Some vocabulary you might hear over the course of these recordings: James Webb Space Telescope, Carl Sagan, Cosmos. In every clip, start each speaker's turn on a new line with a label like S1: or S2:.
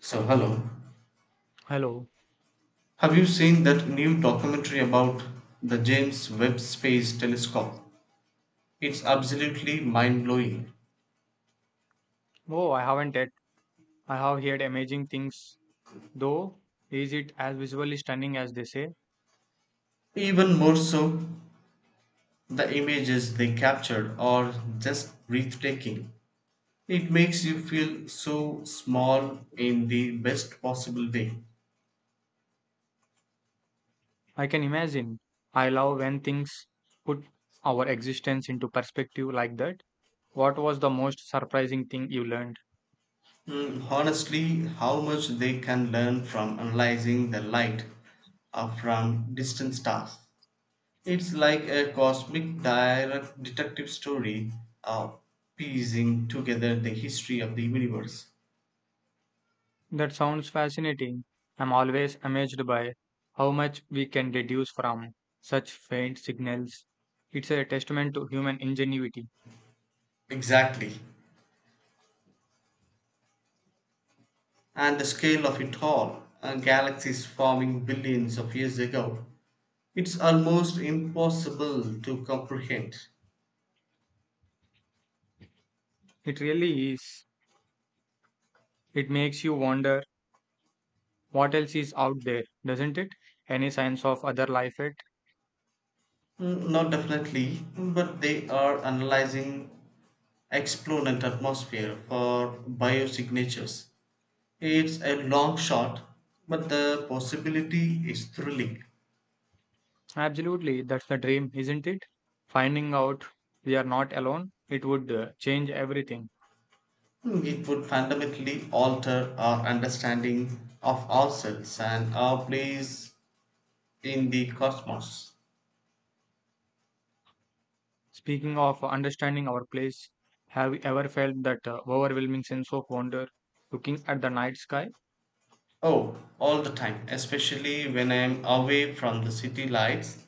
S1: So, hello.
S2: Hello.
S1: Have you seen that new documentary about the James Webb Space Telescope? It's absolutely mind blowing.
S2: Oh, I haven't yet. I have heard amazing things, though. Is it as visually stunning as they say?
S1: Even more so, the images they captured are just breathtaking. It makes you feel so small in the best possible way.
S2: I can imagine. I love when things put our existence into perspective like that. What was the most surprising thing you learned?
S1: Honestly, how much they can learn from analyzing the light from distant stars. It's like a cosmic direct detective story uh, piecing together the history of the universe.
S2: That sounds fascinating. I'm always amazed by how much we can deduce from such faint signals. It's a testament to human ingenuity.
S1: Exactly. And the scale of it all, galaxies forming billions of years ago, it's almost impossible to comprehend.
S2: It really is. It makes you wonder, what else is out there, doesn't it? Any signs of other life yet?
S1: Not definitely, but they are analyzing exponent atmosphere for biosignatures. It's a long shot, but the possibility is thrilling.
S2: Absolutely, that's the dream, isn't it? Finding out we are not alone, it would change everything.
S1: It would fundamentally alter our understanding of ourselves and our place in the cosmos.
S2: Speaking of understanding our place, have you ever felt that overwhelming sense of wonder looking at the night sky?
S1: Oh, all the time, especially when I am away from the city lights,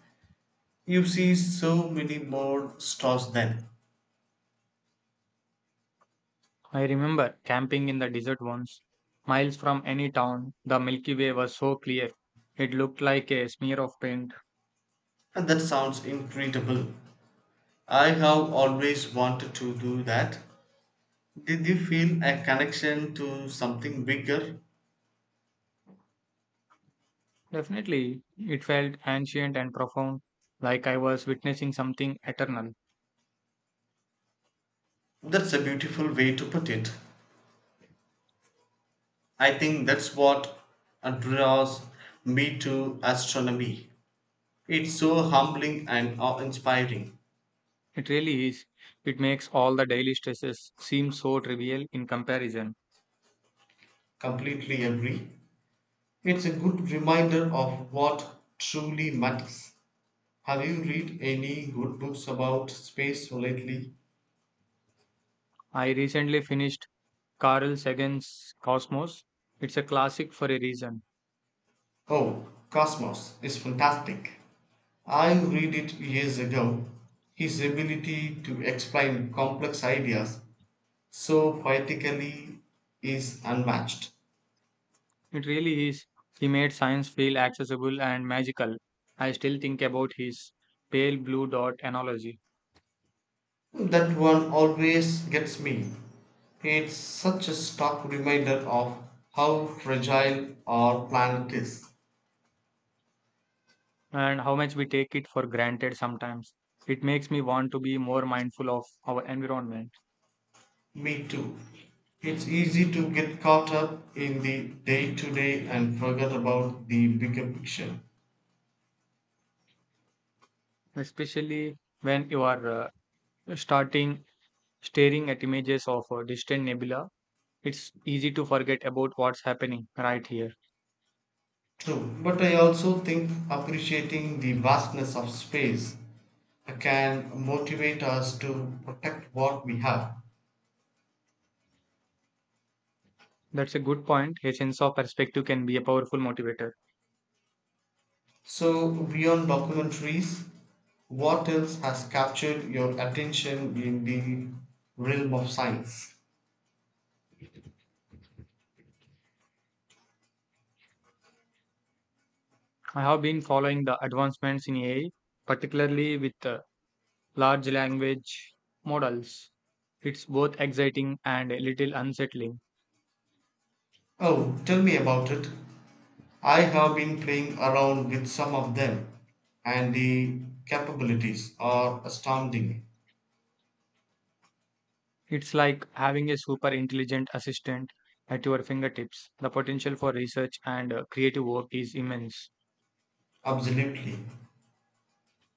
S1: you see so many more stars then.
S2: I remember camping in the desert once, miles from any town. The Milky Way was so clear, it looked like a smear of paint.
S1: And that sounds incredible. I have always wanted to do that. Did you feel a connection to something bigger?
S2: Definitely, it felt ancient and profound, like I was witnessing something eternal.
S1: That's a beautiful way to put it. I think that's what draws me to astronomy. It's so humbling and awe inspiring.
S2: It really is. It makes all the daily stresses seem so trivial in comparison.
S1: Completely agree. It's a good reminder of what truly matters. Have you read any good books about space lately?
S2: I recently finished Carl Sagan's Cosmos. It's a classic for a reason.
S1: Oh, Cosmos is fantastic. I read it years ago. His ability to explain complex ideas so poetically is unmatched.
S2: It really is. He made science feel accessible and magical. I still think about his pale blue dot analogy,
S1: That one always gets me. It's such a stark reminder of how fragile our planet is.
S2: and how much we take it for granted sometimes. It makes me want to be more mindful of our environment.
S1: Me too. It's easy to get caught up in the day to day and forget about the bigger picture.
S2: Especially when you are starting staring at images of distant nebula, it's easy to forget about what's happening right here.
S1: True, but I also think appreciating the vastness of space can motivate us to protect what we have.
S2: That's a good point, a sense of perspective can be a powerful motivator.
S1: So, beyond documentaries, what else has captured your attention in the realm of science?
S2: I have been following the advancements in AI, particularly with large language models. It's both exciting and a little unsettling.
S1: Oh, tell me about it. I have been playing around with some of them, and the capabilities are astounding.
S2: It's like having a super intelligent assistant at your fingertips. The potential for research and creative work is immense.
S1: Absolutely.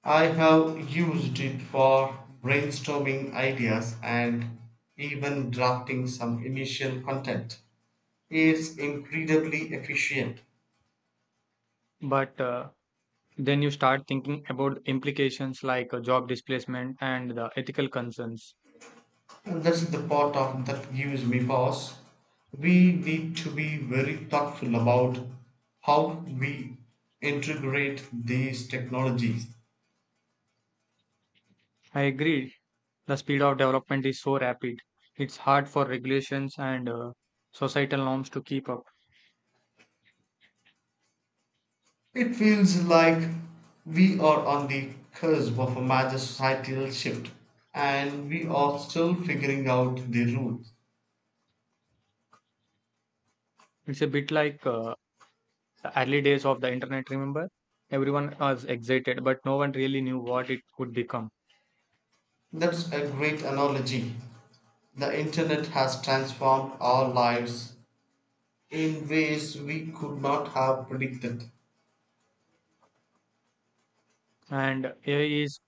S1: I have used it for brainstorming ideas and even drafting some initial content. It's incredibly efficient.
S2: But then you start thinking about implications like job displacement and the ethical concerns.
S1: And that's the part of that gives me pause. We need to be very thoughtful about how we integrate these technologies.
S2: I agree, the speed of development is so rapid. It's hard for regulations and societal norms to keep up.
S1: It feels like we are on the cusp of a major societal shift and we are still figuring out the rules.
S2: It's a bit like the early days of the internet, remember? Everyone was excited, but no one really knew what it could become.
S1: That's a great analogy. The internet has transformed our lives in ways we could not have predicted.
S2: And AI is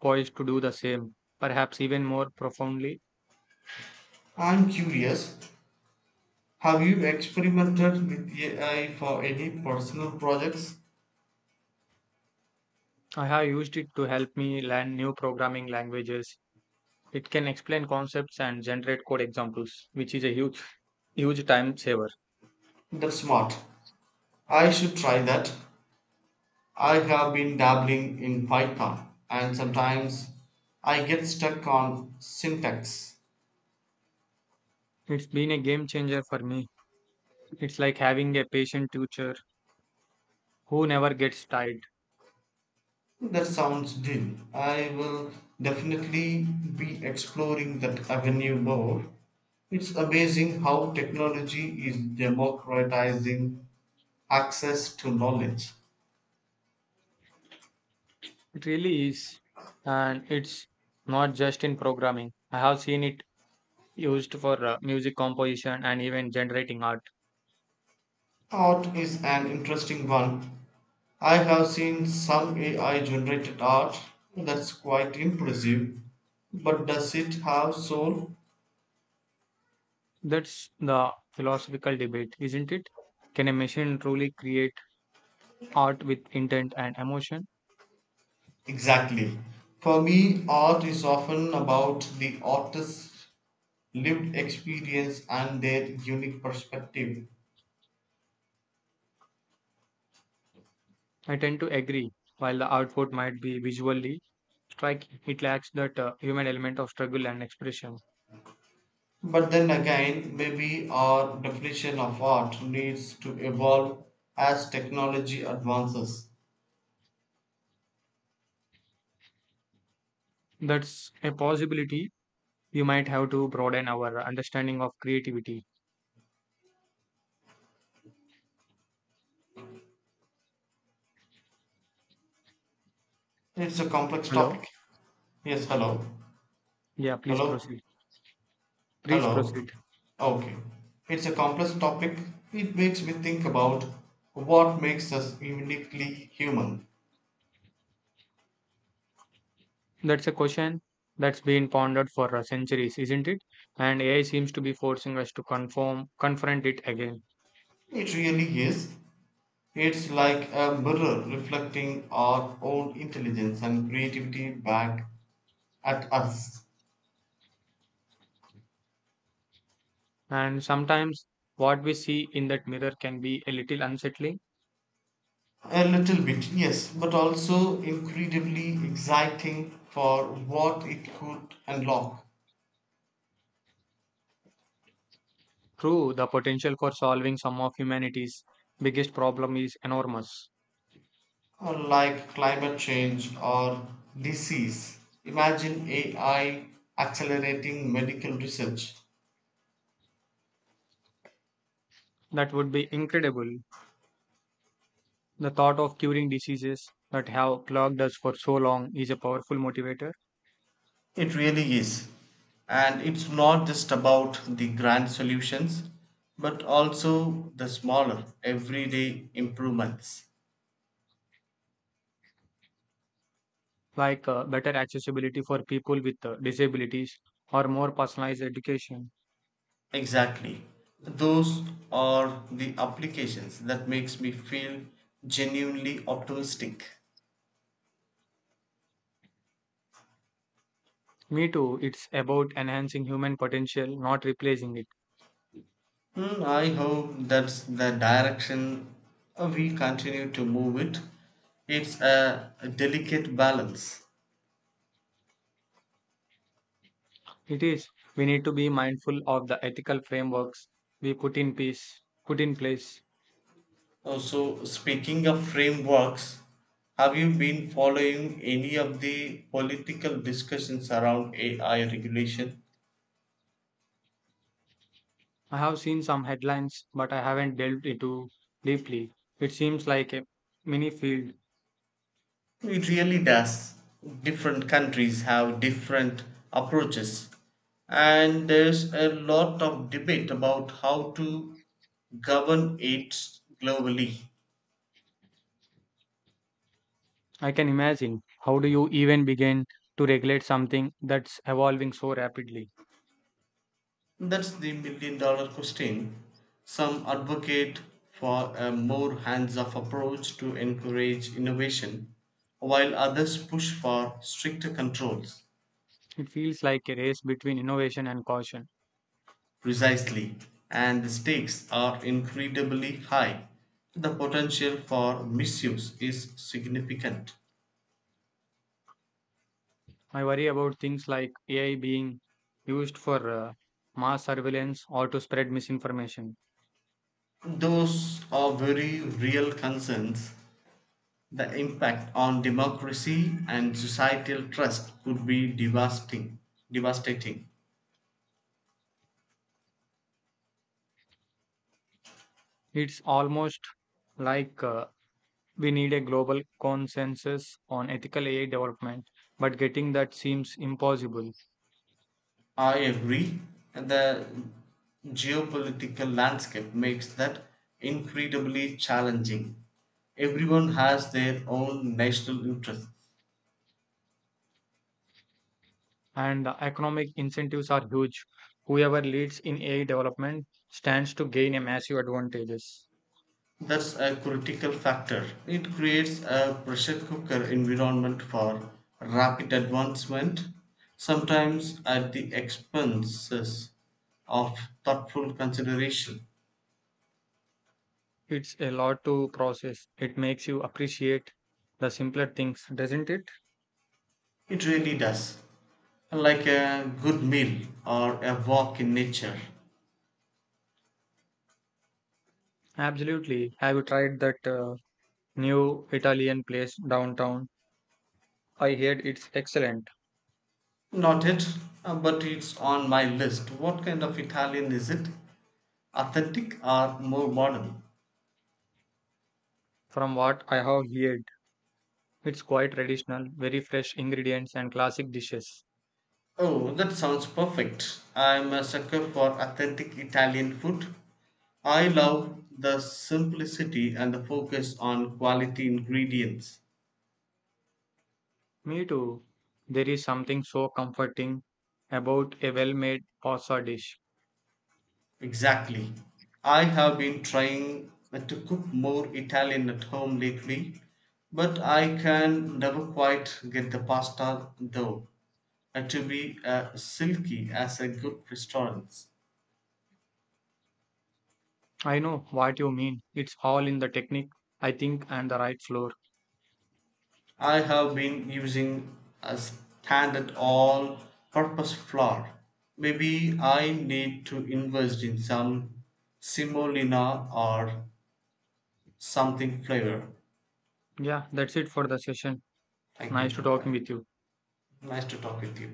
S2: poised to do the same, perhaps even more profoundly.
S1: I'm curious, have you experimented with AI for any personal projects?
S2: I have used it to help me learn new programming languages. It can explain concepts and generate code examples, which is a huge, huge time saver.
S1: That's smart. I should try that. I have been dabbling in Python and sometimes I get stuck on syntax.
S2: It's been a game changer for me. It's like having a patient teacher who never gets tired.
S1: That sounds deep. I will definitely be exploring that avenue more. It's amazing how technology is democratizing access to knowledge.
S2: It really is. And it's not just in programming. I have seen it used for music composition and even generating art.
S1: Art is an interesting one. I have seen some AI generated art that's quite impressive, but does it have soul?
S2: That's the philosophical debate, isn't it? Can a machine truly create art with intent and emotion?
S1: Exactly. For me, art is often about the artist's lived experience and their unique perspective.
S2: I tend to agree. While the output might be visually like, it lacks that human element of struggle and expression.
S1: But then again, maybe our definition of art needs to evolve as technology advances.
S2: That's a possibility. We might have to broaden our understanding of creativity.
S1: It's a complex
S2: Hello?
S1: topic. Yes, hello.
S2: Yeah, please
S1: Hello.
S2: proceed. Please
S1: Hello.
S2: proceed.
S1: Okay. It's a complex topic. It makes me think about what makes us uniquely human.
S2: That's a question that's been pondered for centuries, isn't it? And AI seems to be forcing us to confront it again.
S1: It really is. It's like a mirror reflecting our own intelligence and creativity back at us.
S2: And sometimes what we see in that mirror can be a little unsettling.
S1: A little bit, yes, but also incredibly exciting for what it could unlock.
S2: True, the potential for solving some of humanity's biggest problem is enormous.
S1: Or like climate change or disease, imagine AI accelerating medical research.
S2: That would be incredible. The thought of curing diseases that have clogged us for so long is a powerful motivator,
S1: It really is. And it's not just about the grand solutions, but also the smaller, everyday improvements.
S2: like better accessibility for people with disabilities or more personalized education.
S1: Exactly. Those are the applications that makes me feel genuinely optimistic.
S2: Me too, it's about enhancing human potential, not replacing it.
S1: I hope that's the direction we continue to move it. It's a delicate balance.
S2: It is, we need to be mindful of the ethical frameworks we put in place.
S1: Also, speaking of frameworks, have you been following any of the political discussions around AI regulation?
S2: I have seen some headlines, but I haven't delved into deeply. It seems like a mini field.
S1: It really does. Different countries have different approaches, and there's a lot of debate about how to govern it globally.
S2: I can imagine. How do you even begin to regulate something that's evolving so rapidly?
S1: That's the million-dollar question. Some advocate for a more hands off approach to encourage innovation, while others push for stricter controls.
S2: It feels like a race between innovation and caution.
S1: Precisely, and the stakes are incredibly high. The potential for misuse is significant.
S2: I worry about things like AI being used for mass surveillance or to spread misinformation.
S1: Those are very real concerns. The impact on democracy and societal trust could be devastating. Devastating.
S2: It's almost like we need a global consensus on ethical AI development, but getting that seems impossible.
S1: I agree. The geopolitical landscape makes that incredibly challenging. Everyone has their own national interests.
S2: And the economic incentives are huge. Whoever leads in AI development stands to gain a massive advantages.
S1: That's a critical factor. It creates a pressure cooker environment for rapid advancement, sometimes at the expenses of thoughtful consideration.
S2: It's a lot to process. It makes you appreciate the simpler things, doesn't it?
S1: It really does. Like a good meal or a walk in nature.
S2: Absolutely. Have you tried that new Italian place downtown? I heard it's excellent.
S1: Not yet, but it's on my list. What kind of Italian is it? Authentic or more modern?
S2: From what I have heard, it's quite traditional, very fresh ingredients and classic dishes.
S1: Oh, that sounds perfect. I'm a sucker for authentic Italian food. I love the simplicity and the focus on quality ingredients.
S2: Me too. There is something so comforting about a well made pasta dish.
S1: Exactly. I have been trying to cook more Italian at home lately, but I can never quite get the pasta dough to be silky as a good restaurant.
S2: I know what you mean. It's all in the technique, I think, and the right floor.
S1: I have been using a standard all purpose flour. Maybe I need to invest in some semolina or something flavor.
S2: Yeah, that's it for the session.
S1: Thank you,
S2: Nice to
S1: Jim.
S2: talking with you.
S1: Nice to talk with you.